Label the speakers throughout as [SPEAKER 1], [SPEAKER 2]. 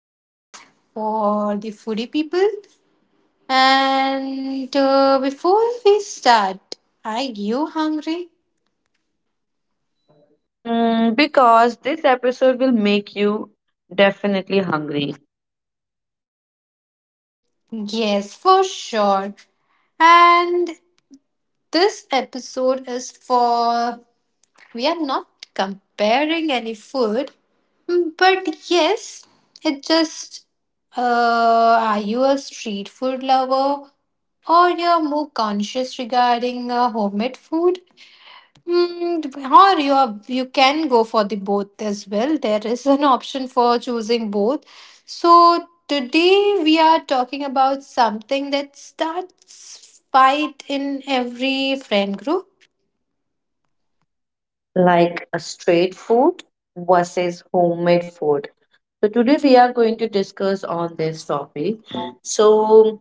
[SPEAKER 1] topic for the foodie people. And before we start, are you hungry?
[SPEAKER 2] Mm, because this episode will make you definitely hungry,
[SPEAKER 1] Yes, for sure. And this episode is for we are not comparing any food, but yes, it just uh, are you a street food lover or you're more conscious regarding homemade food? Mm, or you are, you can go for the both as well. There is an option for choosing both. So today we are talking about something that starts fight in every friend group.
[SPEAKER 2] like a straight food versus homemade food. So today we are going to discuss on this topic. So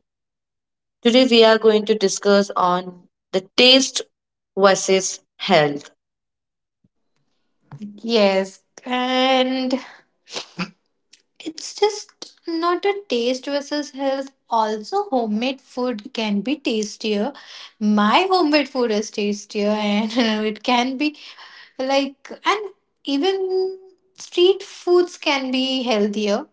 [SPEAKER 2] today we are going to discuss on the taste versus health.
[SPEAKER 1] Yes, and it's just not a taste versus health. Also, homemade food can be tastier. My homemade food is tastier, and it can be like, and even street foods can be healthier.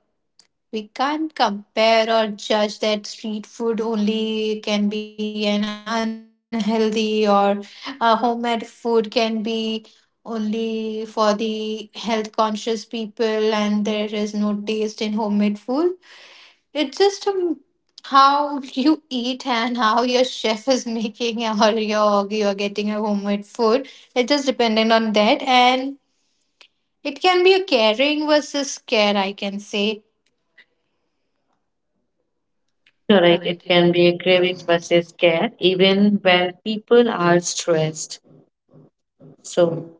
[SPEAKER 1] We can't compare or judge that street food only can be an unhealthy or a homemade food can be only for the health conscious people, and there is no taste in homemade food. It's just how you eat and how your chef is making, or you're getting a homemade food. It just dependent on that. And it can be a caring versus care, I can say.
[SPEAKER 2] Correct. It can be a craving versus care, even when people are stressed. So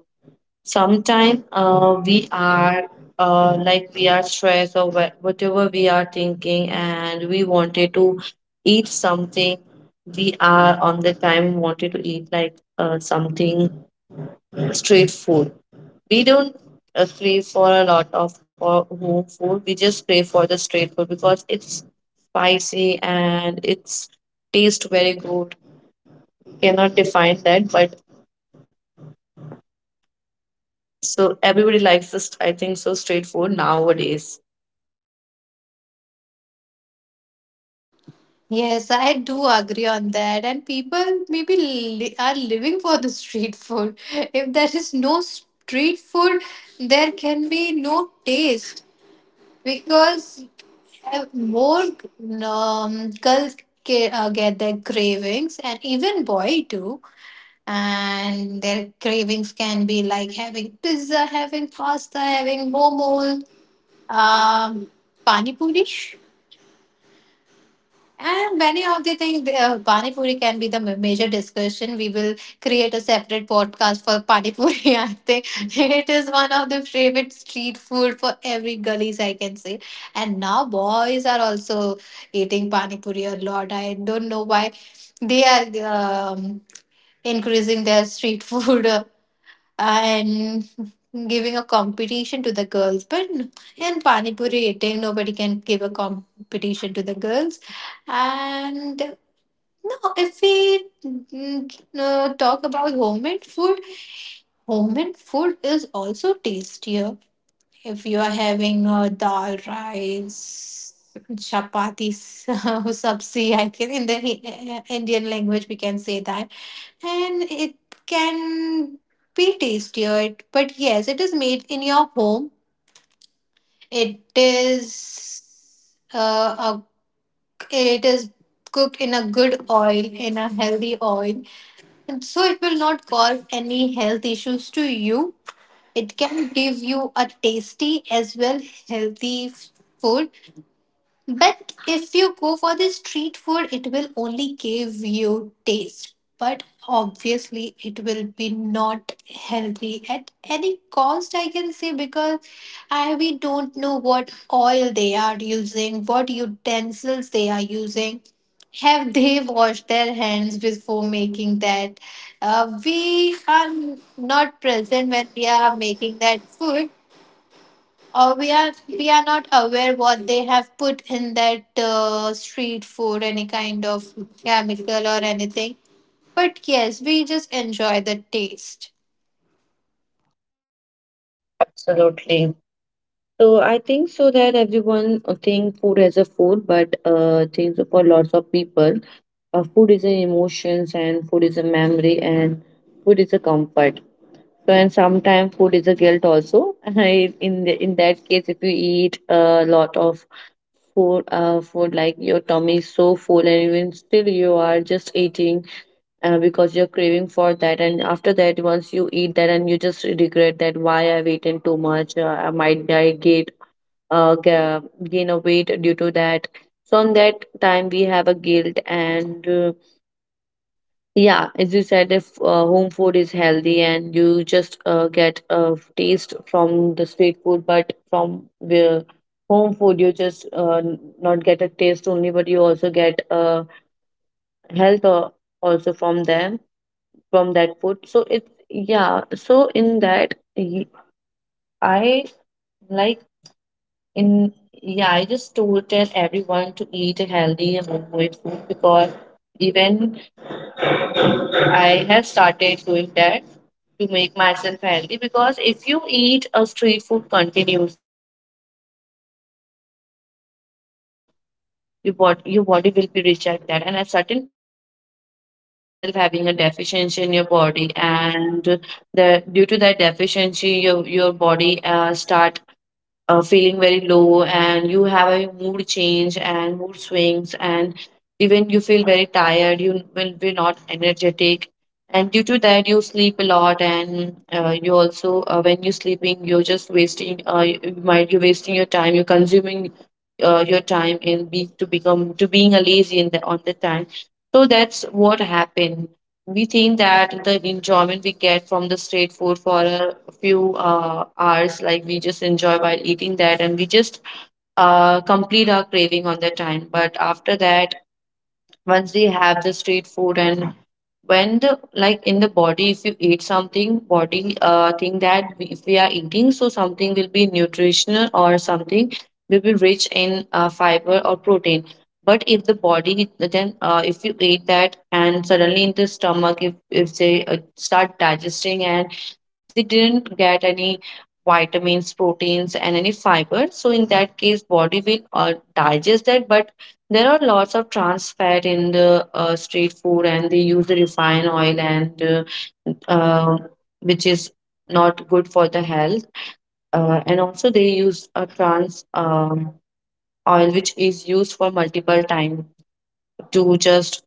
[SPEAKER 2] sometimes we are like we are stressed or whatever we are thinking, and we wanted to eat something. We are on the time wanted to eat like something street food. We don't crave for a lot of for home food. We just crave for the street food because it's spicy and it's taste very good. Cannot define that, but so everybody likes this. I think so. Street food nowadays.
[SPEAKER 1] Yes, I do agree on that. And people maybe are living for the street food. If there is no street food, there can be no taste because have more get their cravings, and even boy too, and their cravings can be like having pizza, having pasta, having momo, um pani puri, and many of the things. Pani Puri can be the major discussion. We will create a separate podcast for Pani Puri, I think. It is one of the favorite street food for every gullies, I can say. And now boys are also eating Pani Puri a lot. I don't know why they are increasing their street food and giving a competition to the girls. But in Pani Puri eating, nobody can give a competition to the girls. And no, if we talk about homemade food is also tastier. If you are having dal rice, chapatis, sabzi, I can in the Indian language we can say that, and it can be tastier. But yes, it is made in your home. It is uh, a, it is cooked in a good oil, in a healthy oil, and so it will not cause any health issues to you. It can give you a tasty as well healthy food. But if you go for the street food, it will only give you taste. But obviously, it will be not healthy at any cost, I can say, because we don't know what oil they are using, what utensils they are using. Have they washed their hands before making that? We are not present when we are making that food. We are we are not aware what they have put in that street food, any kind of chemical or anything. But yes, we just enjoy the taste.
[SPEAKER 2] Absolutely. So I think so that everyone think food as a food, but I think so for lots of people, food is an emotions and food is a memory and food is a comfort. So and sometimes food is a guilt also. In that case, if you eat a lot of food, food like your tummy is so full and even still you are just eating because you're craving for that, and after that once you eat that and you just regret that why I've eaten too much. I might I get gain a weight due to that. So on that time we have a guilt, and yeah, as you said, if home food is healthy, and you just get a taste from the street food, but from the home food you just not get a taste only but you also get health also from them, from that food. So it's, yeah. So in that, y- I like in yeah. I just told tell everyone to eat a healthy homemade food because even I have started doing that to make myself healthy, because if you eat a street food continuously, your body will be reject that, and at certain point you will be finding yourself having a deficiency in your body, and the due to that deficiency your body start feeling very low, and you have a mood change and mood swings, and even you feel very tired, you will be not energetic, and due to that you sleep a lot. And you also when you're sleeping you're just wasting, you're wasting your time, you're consuming your time in be to become to being a lazy in the on the time. So that's what happened. We think that the enjoyment we get from the street food for a few hours. Like we just enjoy while eating that, and we just complete our craving on that time. But after that, once we have the street food and when the, like in the body, if you eat something, body think that, we, if we are eating so something will be nutritional or something will be rich in fiber or protein. But if the body then if you eat that and suddenly in the stomach, if they start digesting, and they didn't get any vitamins, proteins and any fiber, so in that case body will digest that. But there are lots of trans fat in the street food, and they use the refined oil, and uh, which is not good for the health. And also, they use a trans oil, which is used for multiple time to just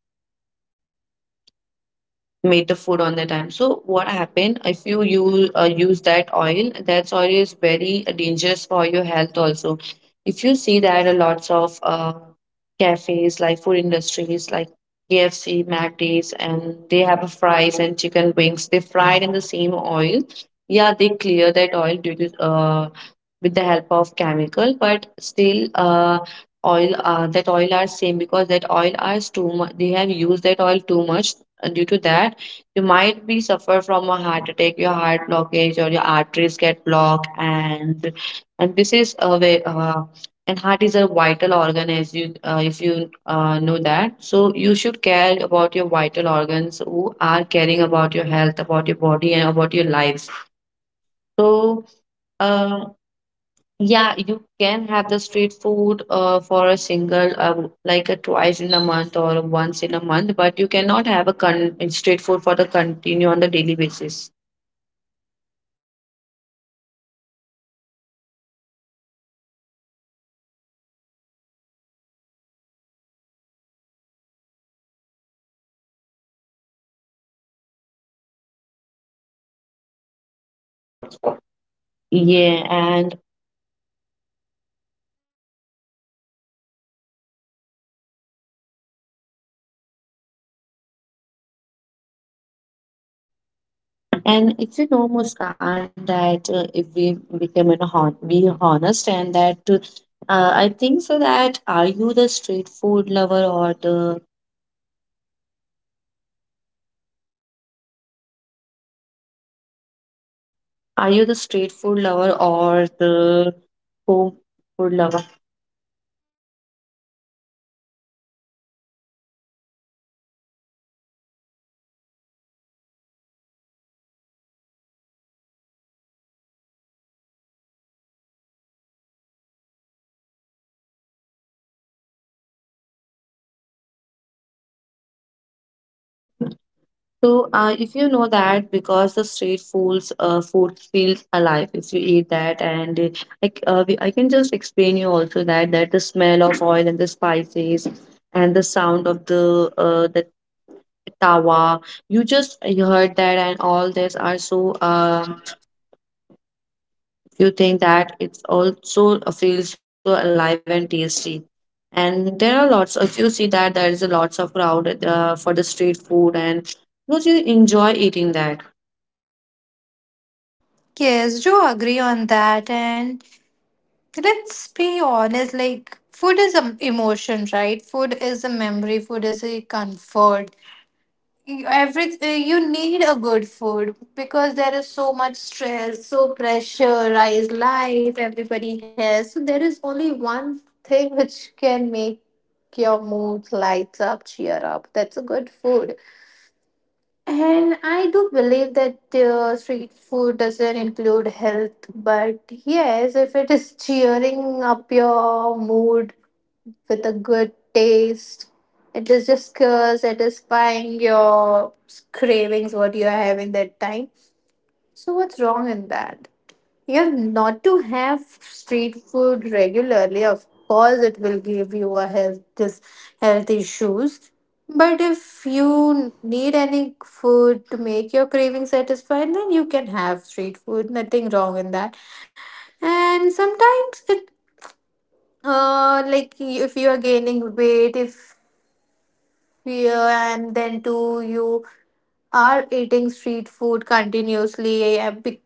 [SPEAKER 2] made the food on the time. So what happened if you use that oil? That oil is very dangerous for your health also. If you see that a lots of cafes like food industries like KFC, McD's, and they have a fries and chicken wings. They fried in the same oil. Yeah, they clear that oil due to, with the help of chemical, but still oil that oil are same because that oil are too much. They have used that oil too much. Due to that you might be suffer from a heart attack, your heart blockage or your arteries get blocked. And this is a way. And heart is a vital organ, as you, if you know that. So you should care about your vital organs who are caring about your health, about your body and about your lives. So Uh, yeah, you can have the street food for a single, like a twice in a month or once in a month, but you cannot have a con street food for the continue on the daily basis. Yeah. And if you know, Muskan, that if we become an hon be honest, and that I think so that, are you the street food lover or the home food lover? So, if you know that, because the street foods, food feels alive if you eat that. And like I can just explain you also that the smell of oil and the spices and the sound of the, tawa, you just you heard that, and all this are so, you think that it's also feels so alive and tasty. And there are lots. If you see that there is a lots of crowd for the street food, and because you enjoy eating that.
[SPEAKER 3] Yes, do agree on that. And let's be honest, like food is an emotion, right? Food is a memory, food is a comfort. Every you need a good food because there is so much stress, so pressurized life everybody has. So there is only one thing which can make your mood lights up, cheer up. That's a good food. And I do believe that street food doesn't include health, but yes, if it is cheering up your mood with a good taste, it is just satisfying your cravings, what you are having that time. So, what's wrong in that? Yeah, not to have street food regularly, of course, it will give you a health issues. But if you need any food to make your craving satisfied, then you can have street food. Nothing wrong in that. And sometimes like if you are gaining weight, if you and then too you are eating street food continuously,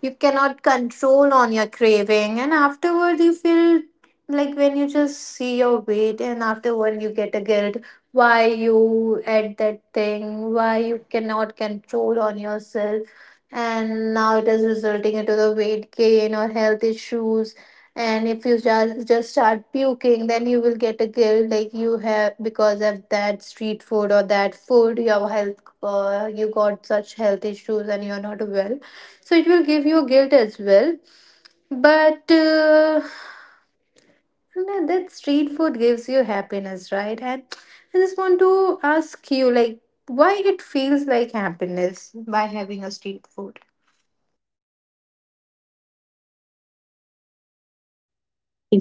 [SPEAKER 3] you cannot control on your craving and afterward you feel like when you just see your weight and afterward you get a guilt why you ate that thing, why you cannot control on yourself, and now it is resulting into the weight gain or health issues. And if you just start puking, then you will get a guilt like you have, because of that street food or that food your health, you got such health issues and you're not well, so it will give you guilt as well. But that street food gives you happiness, right? And I just want to ask you, like, why it feels like happiness by having a street food.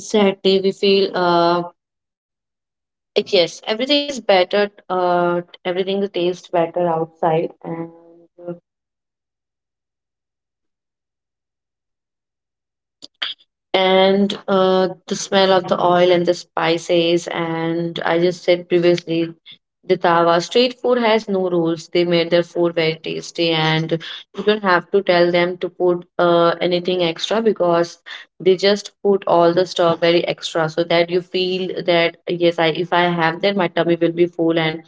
[SPEAKER 2] Exactly, yes, everything is better. Everything tastes better outside, and and the smell of the oil and the spices. And I just said previously, the tawa street food has no rules. They made their food very tasty, and you don't have to tell them to put anything extra, because they just put all the strawberry extra so that you feel that yes, I, if I have that, my tummy will be full and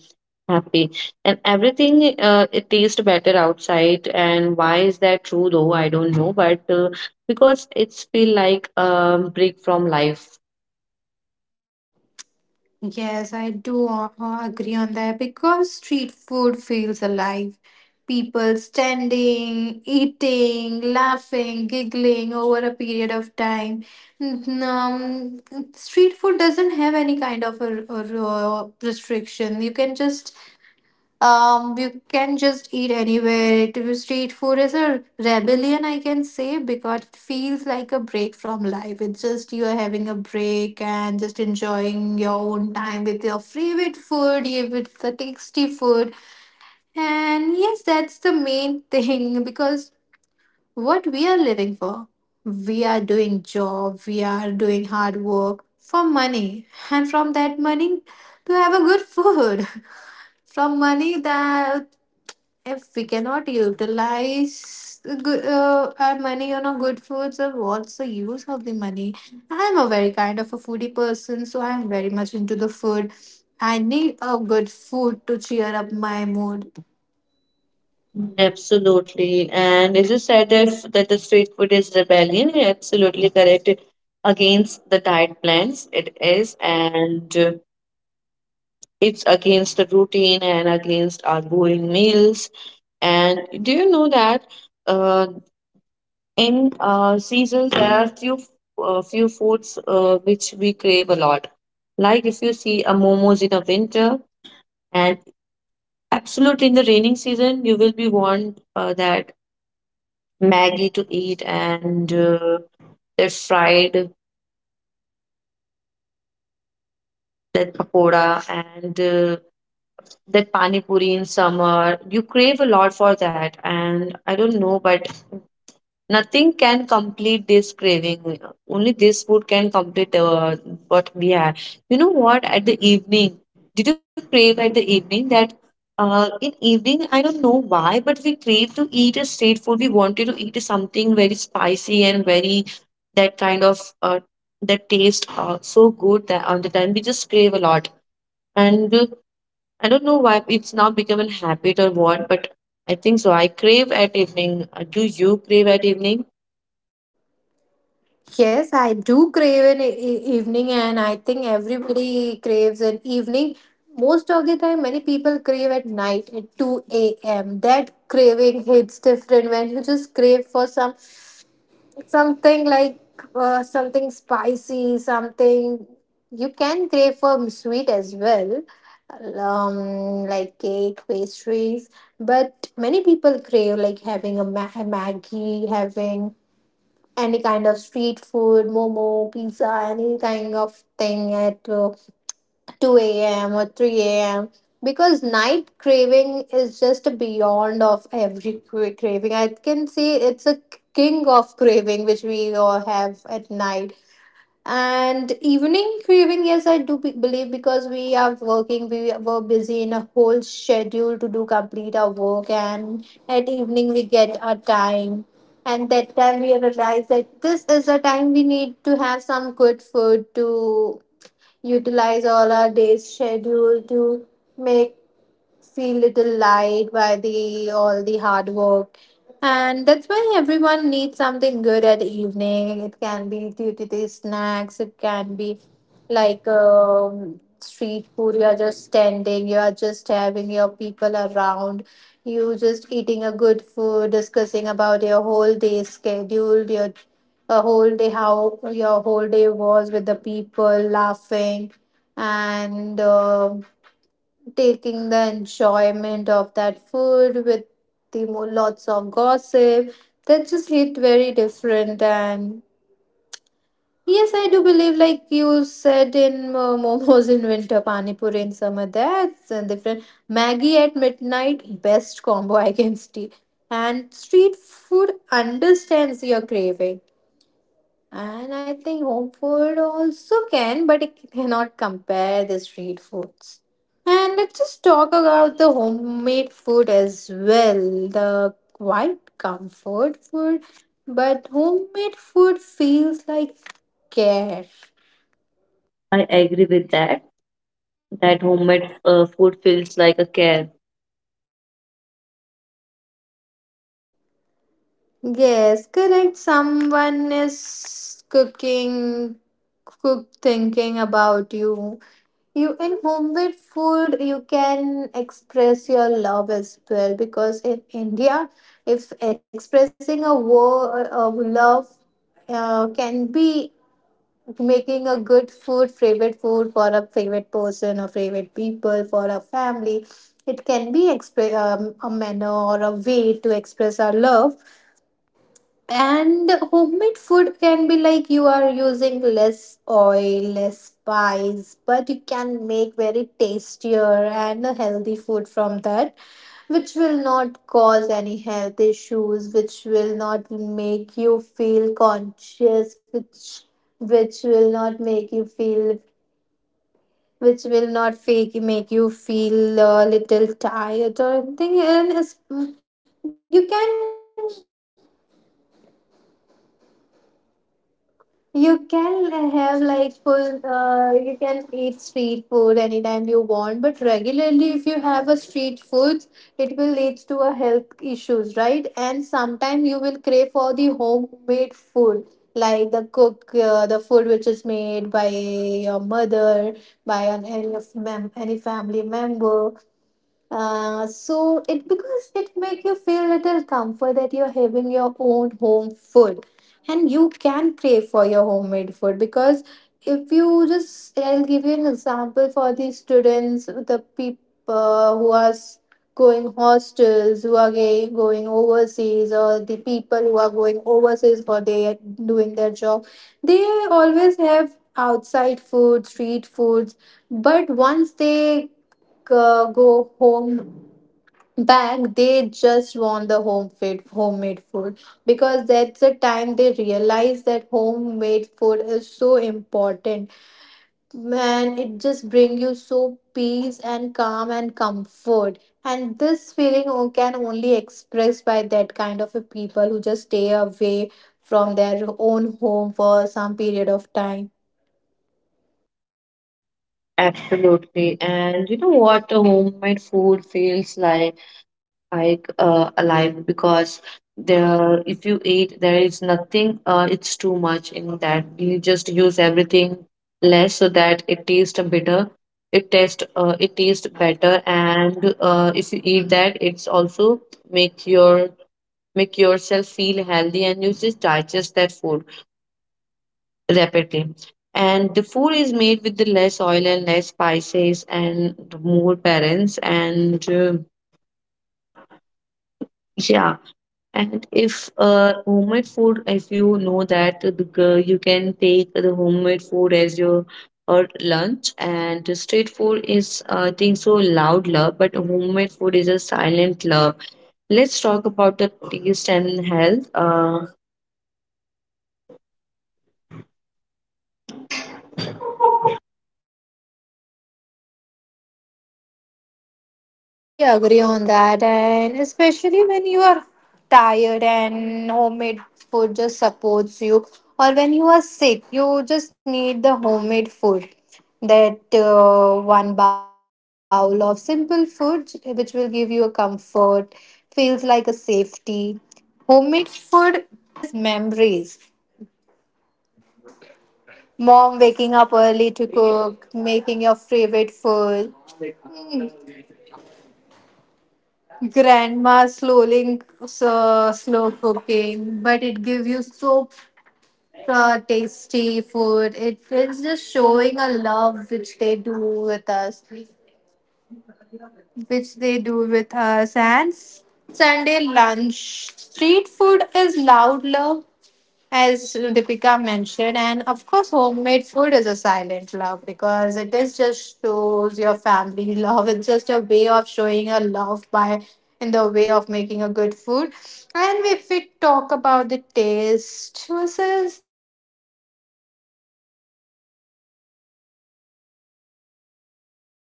[SPEAKER 2] happy. And everything, it tastes better outside. And why is that true, though, I don't know, but because it's feel like a break from life.
[SPEAKER 3] Yes, I do agree on that because street food feels alive. People standing, eating, laughing, giggling over a period of time. N- Um, Street food doesn't have any kind of a restriction. You can just eat anywhere street food is a rebellion, I can say, because it feels like a break from life. It's just you are having a break and just enjoying your own time with your favorite food, if it's a tasty food. And yes, that's the main thing because what we are living for. We are doing job, we are doing hard work for money. And from that money to have a good food. From money that if we cannot utilize the good, our money on a good food, so what's the use of the money? I'm a very kind of a foodie person, so I'm very much into the food. I need a good food to cheer up my mood.
[SPEAKER 2] Absolutely. And as you said that, that the street food is rebellion, you're absolutely correct against the diet plans. It is. And it's against the routine and against our boring meals. And do you know that uh, in seasons, there are few foods which we crave a lot. Like if you see a momos in a winter, and absolutely in the raining season, you will be want that Maggie to eat, and that fried, that pakoda, and that pani puri in summer. You crave a lot for that, and I don't know, but nothing can complete this craving. Only this food can complete what we have. You know what? At the evening, did you crave at the evening that? In evening, I don't know why, but we crave to eat a street food. We wanted to eat something very spicy and very that kind of that taste so good that on the time we just crave a lot. And I don't know why it's now become a habit or what, but I think so. I crave at evening. Do you crave at evening?
[SPEAKER 3] Yes, I do crave an evening, and I think everybody craves an evening. Most of the time, many people crave at night at 2 a.m. That craving hits different when you just crave for some something like something spicy, something. You can crave for sweet as well, like cake, pastries. But many people crave like having a Maggie, having any kind of street food, momo, pizza, any kind of thing at 2 a.m. or 3 a.m. Because night craving is just beyond of every craving. I can say it's a king of craving which we all have at night. And evening craving, yes, I do believe, because we are working, we were busy in a whole schedule to do complete our work, and at evening we get our time. And that time we realize that this is the time we need to have some good food to utilize all our day's schedule, to make feel little light by the all the hard work. And that's why everyone needs something good at evening. It can be due to the snacks, it can be like street food. You are just standing, you are just having your people around, you just eating a good food, discussing about your whole day schedule, your a whole day, how your whole day was with the people laughing and taking the enjoyment of that food with the lots of gossip. That just hit very different. And yes, I do believe, like you said, in momos in winter, pani puri in summer, that's different. Maggie at midnight, best combo I can see, and street food understands your craving. And I think home food also can, but it cannot compare the street foods. And let's just talk about the homemade food as well. The quite comfort food, but homemade food feels like care.
[SPEAKER 2] I agree with that. That homemade food feels like a care.
[SPEAKER 3] Yes, correct. Someone is cooking, cook thinking about you. You in homemade food, you can express your love as well, because in India, if expressing a word of love can be making a good food, favorite food for a favorite person or favorite people for a family, it can be express a manner or a way to express our love. And homemade food can be like you are using less oil, less spice, but you can make very tastier and a healthy food from that, which will not cause any health issues, which will not make you feel conscious, which will not make you feel which will not fake make you feel a little tired or anything. And you can, you can have like full, you can eat street food anytime you want, but regularly, if you have a street foods, it will lead to a health issues, right? And sometime you will crave for the homemade food, like the cook, the food which is made by your mother, by an, any, of mem- any family member. So it, because it make you feel little comfort that you're having your own home food, and you can crave for your homemade food. Because if you just, I'll give you an example. For the students, the people who are going hostels, who are going overseas, or the people who are going overseas for their doing their job, they always have outside food, street foods. But once they go home back, they just want the homemade food, because that's the time they realize that homemade food is so important, man. It just brings you so peace and calm and comfort. And this feeling can only express by that kind of a people who just stay away from their own home for some period of time.
[SPEAKER 2] Absolutely. And you know what? A homemade food feels like alive because there, if you eat, there is nothing. It's too much in that. You just use everything less so that it tastes a bitter. It tastes better. And if you eat that, it's also make your, make yourself feel healthy, and you just digest that food rapidly. And the food is made with the less oil and less spices and more parents, and yeah. And if homemade food, if you know that the, you can take the homemade food as your or lunch, and street food is I think so loud love, but homemade food is a silent love. Let's talk about the taste and health.
[SPEAKER 3] Yes, totally agree on that. And especially when you are tired and homemade food just supports you, or when you are sick, you just need the homemade food. That one bowl of simple food, which will give you a comfort, feels like a safety. Homemade food has memories. Mom waking up early to cook, making your favorite food, grandma slowly, slow cooking, but it gives you so tasty food. It is just showing a love which they do with us, and Sunday lunch. Street food is loud love, as Deepika mentioned, and of course, homemade food is a silent love because it is just shows your family love. It's just a way of showing a love by in the way of making a good food. And if we talk about the taste versus health, let's be honest, street food tastes better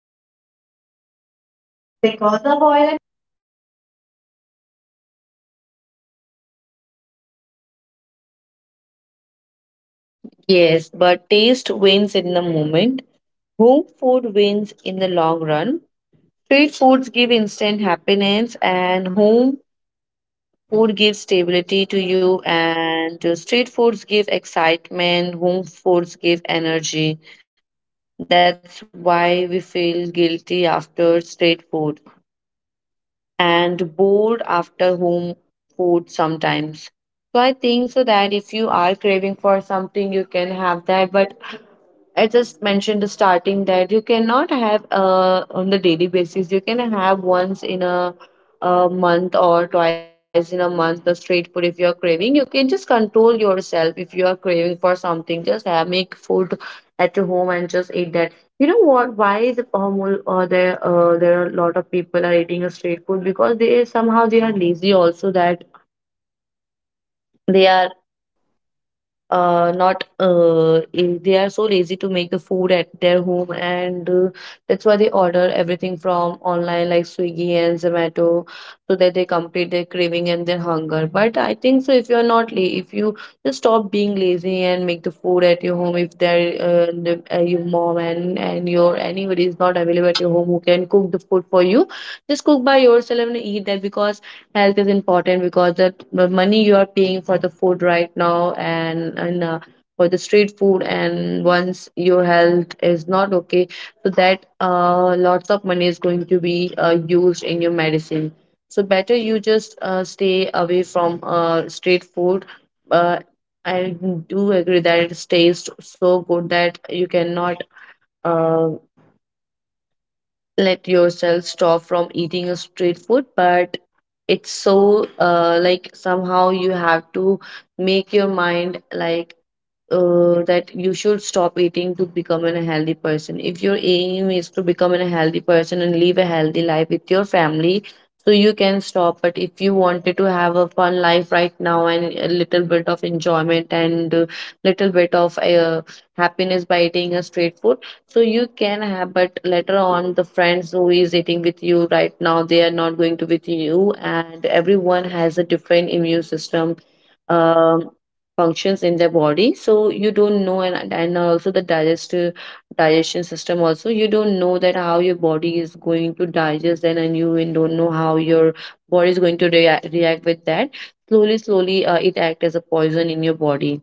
[SPEAKER 2] Because
[SPEAKER 3] because of
[SPEAKER 2] of
[SPEAKER 3] oil
[SPEAKER 2] oil.
[SPEAKER 3] and masala, and there is no restrictions, right? But health suffers
[SPEAKER 2] Yes, but taste wins in the moment. Home food wins in the long run. Street foods give instant happiness, and home food gives stability to you. And street foods give excitement, home foods give energy. That's why we feel guilty after street food and bored after home food sometimes. So I think so that if you are craving for something, you can have that. But I just mentioned the starting that you cannot have on the daily basis. You can have once in a month or twice in a month the street food if you are craving. You can just control yourself if you are craving for something. Just have make food at your home and just eat that. You know what? Why the Pahmul? Or there are a lot of people are eating a street food because they somehow they are lazy also that they are not they are so lazy to make the food at their home, and that's why they order everything from online like Swiggy and Zomato so that they complete their craving and their hunger. But I think so if you're not la- if you just stop being lazy and make the food at your home, if your mom and your anybody is not available at your home who can cook the food for you, just cook by yourself and eat that, because health is important, because that the money you are paying for the food right now and for the street food, and once your health is not okay, so that lots of money is going to be used in your medicine. So better you just stay away from street food. uh, I do agree that it tastes so good that you cannot uh, let yourself stop from eating a street food, but it's so like somehow you have to make your mind like that you should stop eating to become a healthy person. If your aim is to become a healthy person and live a healthy life with your family, so you can stop. But if you wanted to have a fun life right now and a little bit of enjoyment and a little bit of happiness by eating a street food, so you can have. But later on, the friends who is eating with you right now, they are not going to with you, and everyone has a different immune system um, functions in their body, so you don't know. And also the digestive digestion system also you don't know that how your body is going to digest, and you even don't know how your body is going to react with that. Slowly slowly, it acts as a poison in your body.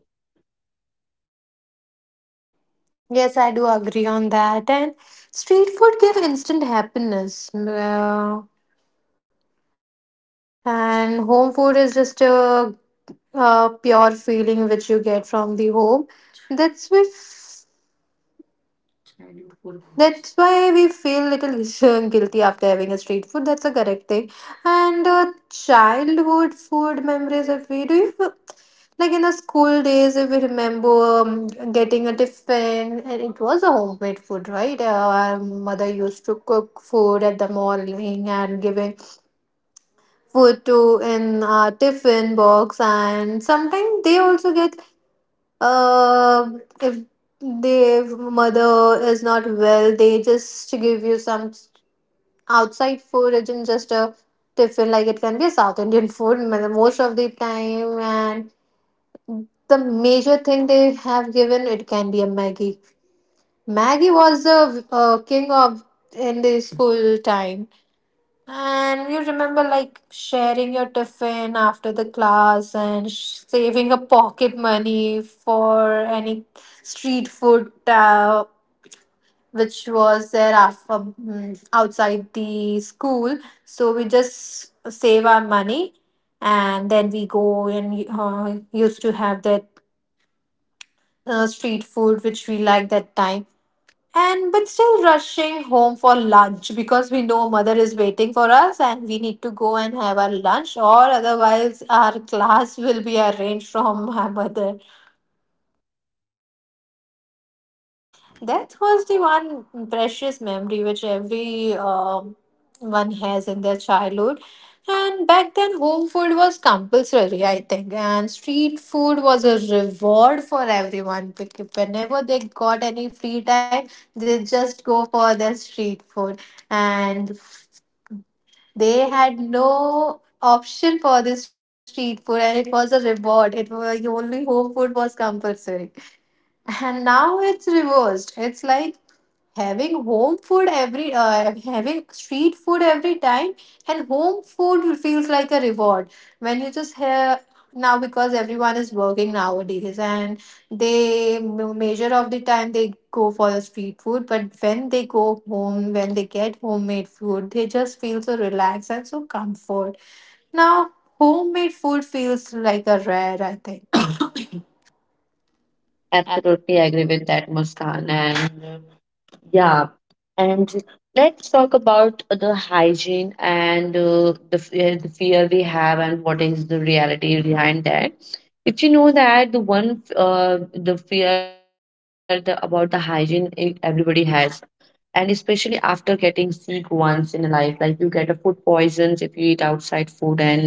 [SPEAKER 4] Yes, I do agree on that. And street food give instant happiness. Mm. And home food is just a pure feeling which you get from the home. That's with that's why we feel little guilty after having a street food. That's a correct thing. And childhood food memories, if we do, you, like in the school days, if we remember getting a tiffin, and it was a homemade food, right? Our mother used to cook food at the morning and giving food to in a tiffin box, and sometimes they also get uh, if their mother is not well, they just give you some outside food. It isn't just a tiffin, like it can be a South Indian food most of the time. And the major thing they have given, it can be a Maggie. Maggie was the king of in the school time, and you remember like sharing your tiffin after the class and saving a pocket money for any street food which was there after, outside the school. So we just save our money and then we go and used to have that street food which we liked that time, and but still rushing home for lunch because we know mother is waiting for us and we need to go and have our lunch or otherwise our class will be arranged from my mother. That was the one precious memory which every one has in their childhood. And back then home food was compulsory, I think, and street food was a reward for everyone. Whenever they got any free time, they just go for their street food. And they had no option for this street food and it was a reward. It was only home food was compulsory. And now it's reversed. It's like having street food every time, and home food feels like a reward when you just have now, because everyone is working nowadays, and they measure of the time they go for the street food, but when they go home, when they get homemade food, they just feel so relaxed and so comfort. Now homemade food feels like a rare, I think.
[SPEAKER 2] Absolutely agree with that, Muskan. And yeah, and let's talk about the hygiene and the fear we have and what is the reality behind that. If you know that the one the fear the, about the hygiene everybody has, and especially after getting sick once in a life, like you get a food poisons if you eat outside food. and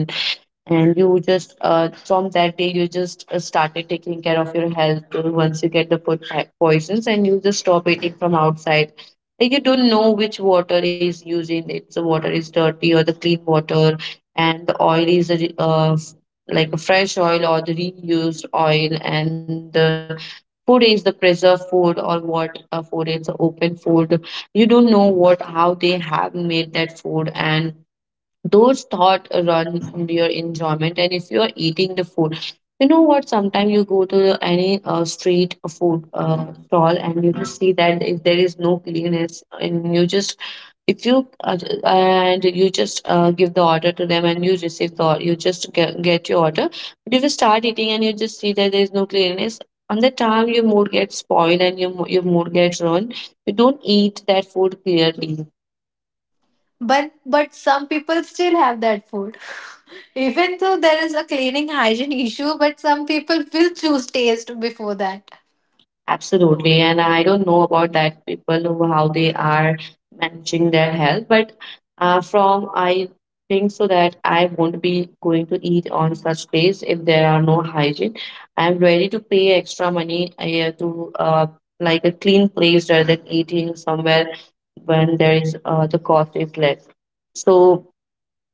[SPEAKER 2] and you just, from that day, you just started taking care of your health once you get the food poisons and you just stop eating from outside. Like, you don't know which water is using it. The water is dirty or the clean water, and the oil is a like a fresh oil or the reused oil, and the food is the preserved food or what a food is the open food. You don't know what how they have made that food, and those thoughts run from your enjoyment. And if you're eating the food, you know what, sometimes you go to any street food stall and you just see that if there is no cleanliness, and you just if you and you just give the order to them and you receive the you just get your order. But if you start eating and you just see that there is no cleanliness, on the time your mood gets spoiled and your, your mood gets ruined. You don't eat that food clearly.
[SPEAKER 4] But some people still have that food. Even though there is a cleaning hygiene issue, but some people will choose taste before that.
[SPEAKER 2] Absolutely. And I don't know about that people who how they are managing their health, but from I think so that I won't be going to eat on such days if there are no hygiene. I'm ready to pay extra money yeah, to like a clean place rather than eating somewhere when there is the cost is less. So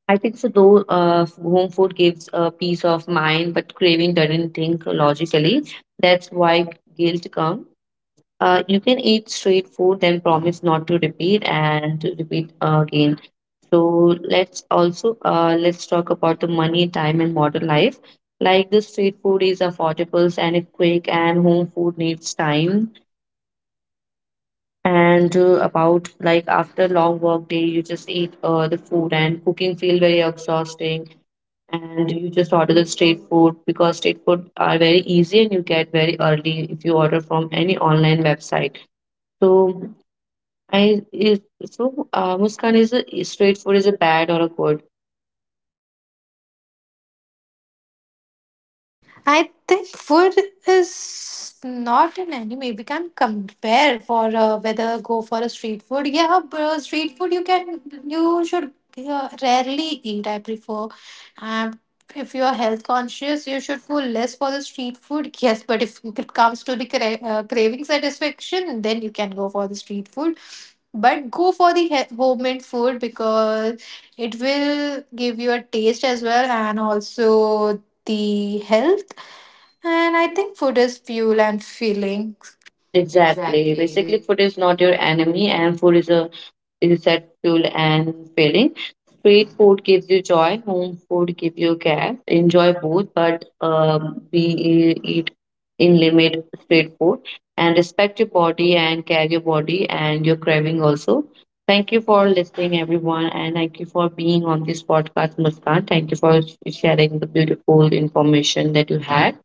[SPEAKER 2] I think so though home food gives a peace of mind, but craving doesn't think logically. That's why guilt comes. You can eat straight food, then promise not to repeat and to repeat again. So let's talk about the money, time, and modern life. Like, the street food is affordable and it's quick, and home food needs time. And about like after long work day, you just eat the food, and cooking feel very exhausting. And you just order the street food because street food are very easy and you get very early if you order from any online website. So I is so Muskan, is a, is straight food is a bad or a good?
[SPEAKER 4] I think food is not an anime. We can compare for whether go for a street food. Yeah, bro, street food you can you should rarely eat, I prefer. Um, if you are health conscious, you should go less for the street food. Yes, but if it comes to the craving satisfaction, then you can go for the street food. But go for the homemade food, because it will give you a taste as well, and also the health. And I think food is fuel and feelings.
[SPEAKER 2] Exactly. Basically, food is not your enemy, and food is a resetful and filling. Street food gives you joy, home food gives you care. Enjoy both, but be eat in limit street food, and respect your body and care your body and your craving also. Thank you for listening, everyone, and thank you for being on this podcast, Muskan. Thank you for sharing the beautiful information that you had.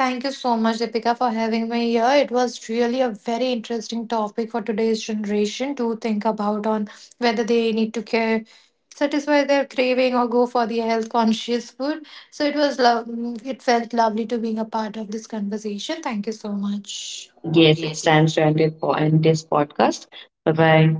[SPEAKER 4] Thank you so much, Deepika, for having me here. It was really a very interesting topic for today's generation to think about on whether they need to care, satisfy their craving, or go for the health conscious food. So it was love. It felt lovely to being a part of this conversation. Thank you so much.
[SPEAKER 2] Yes, it's time to end, it, end this podcast. Bye bye.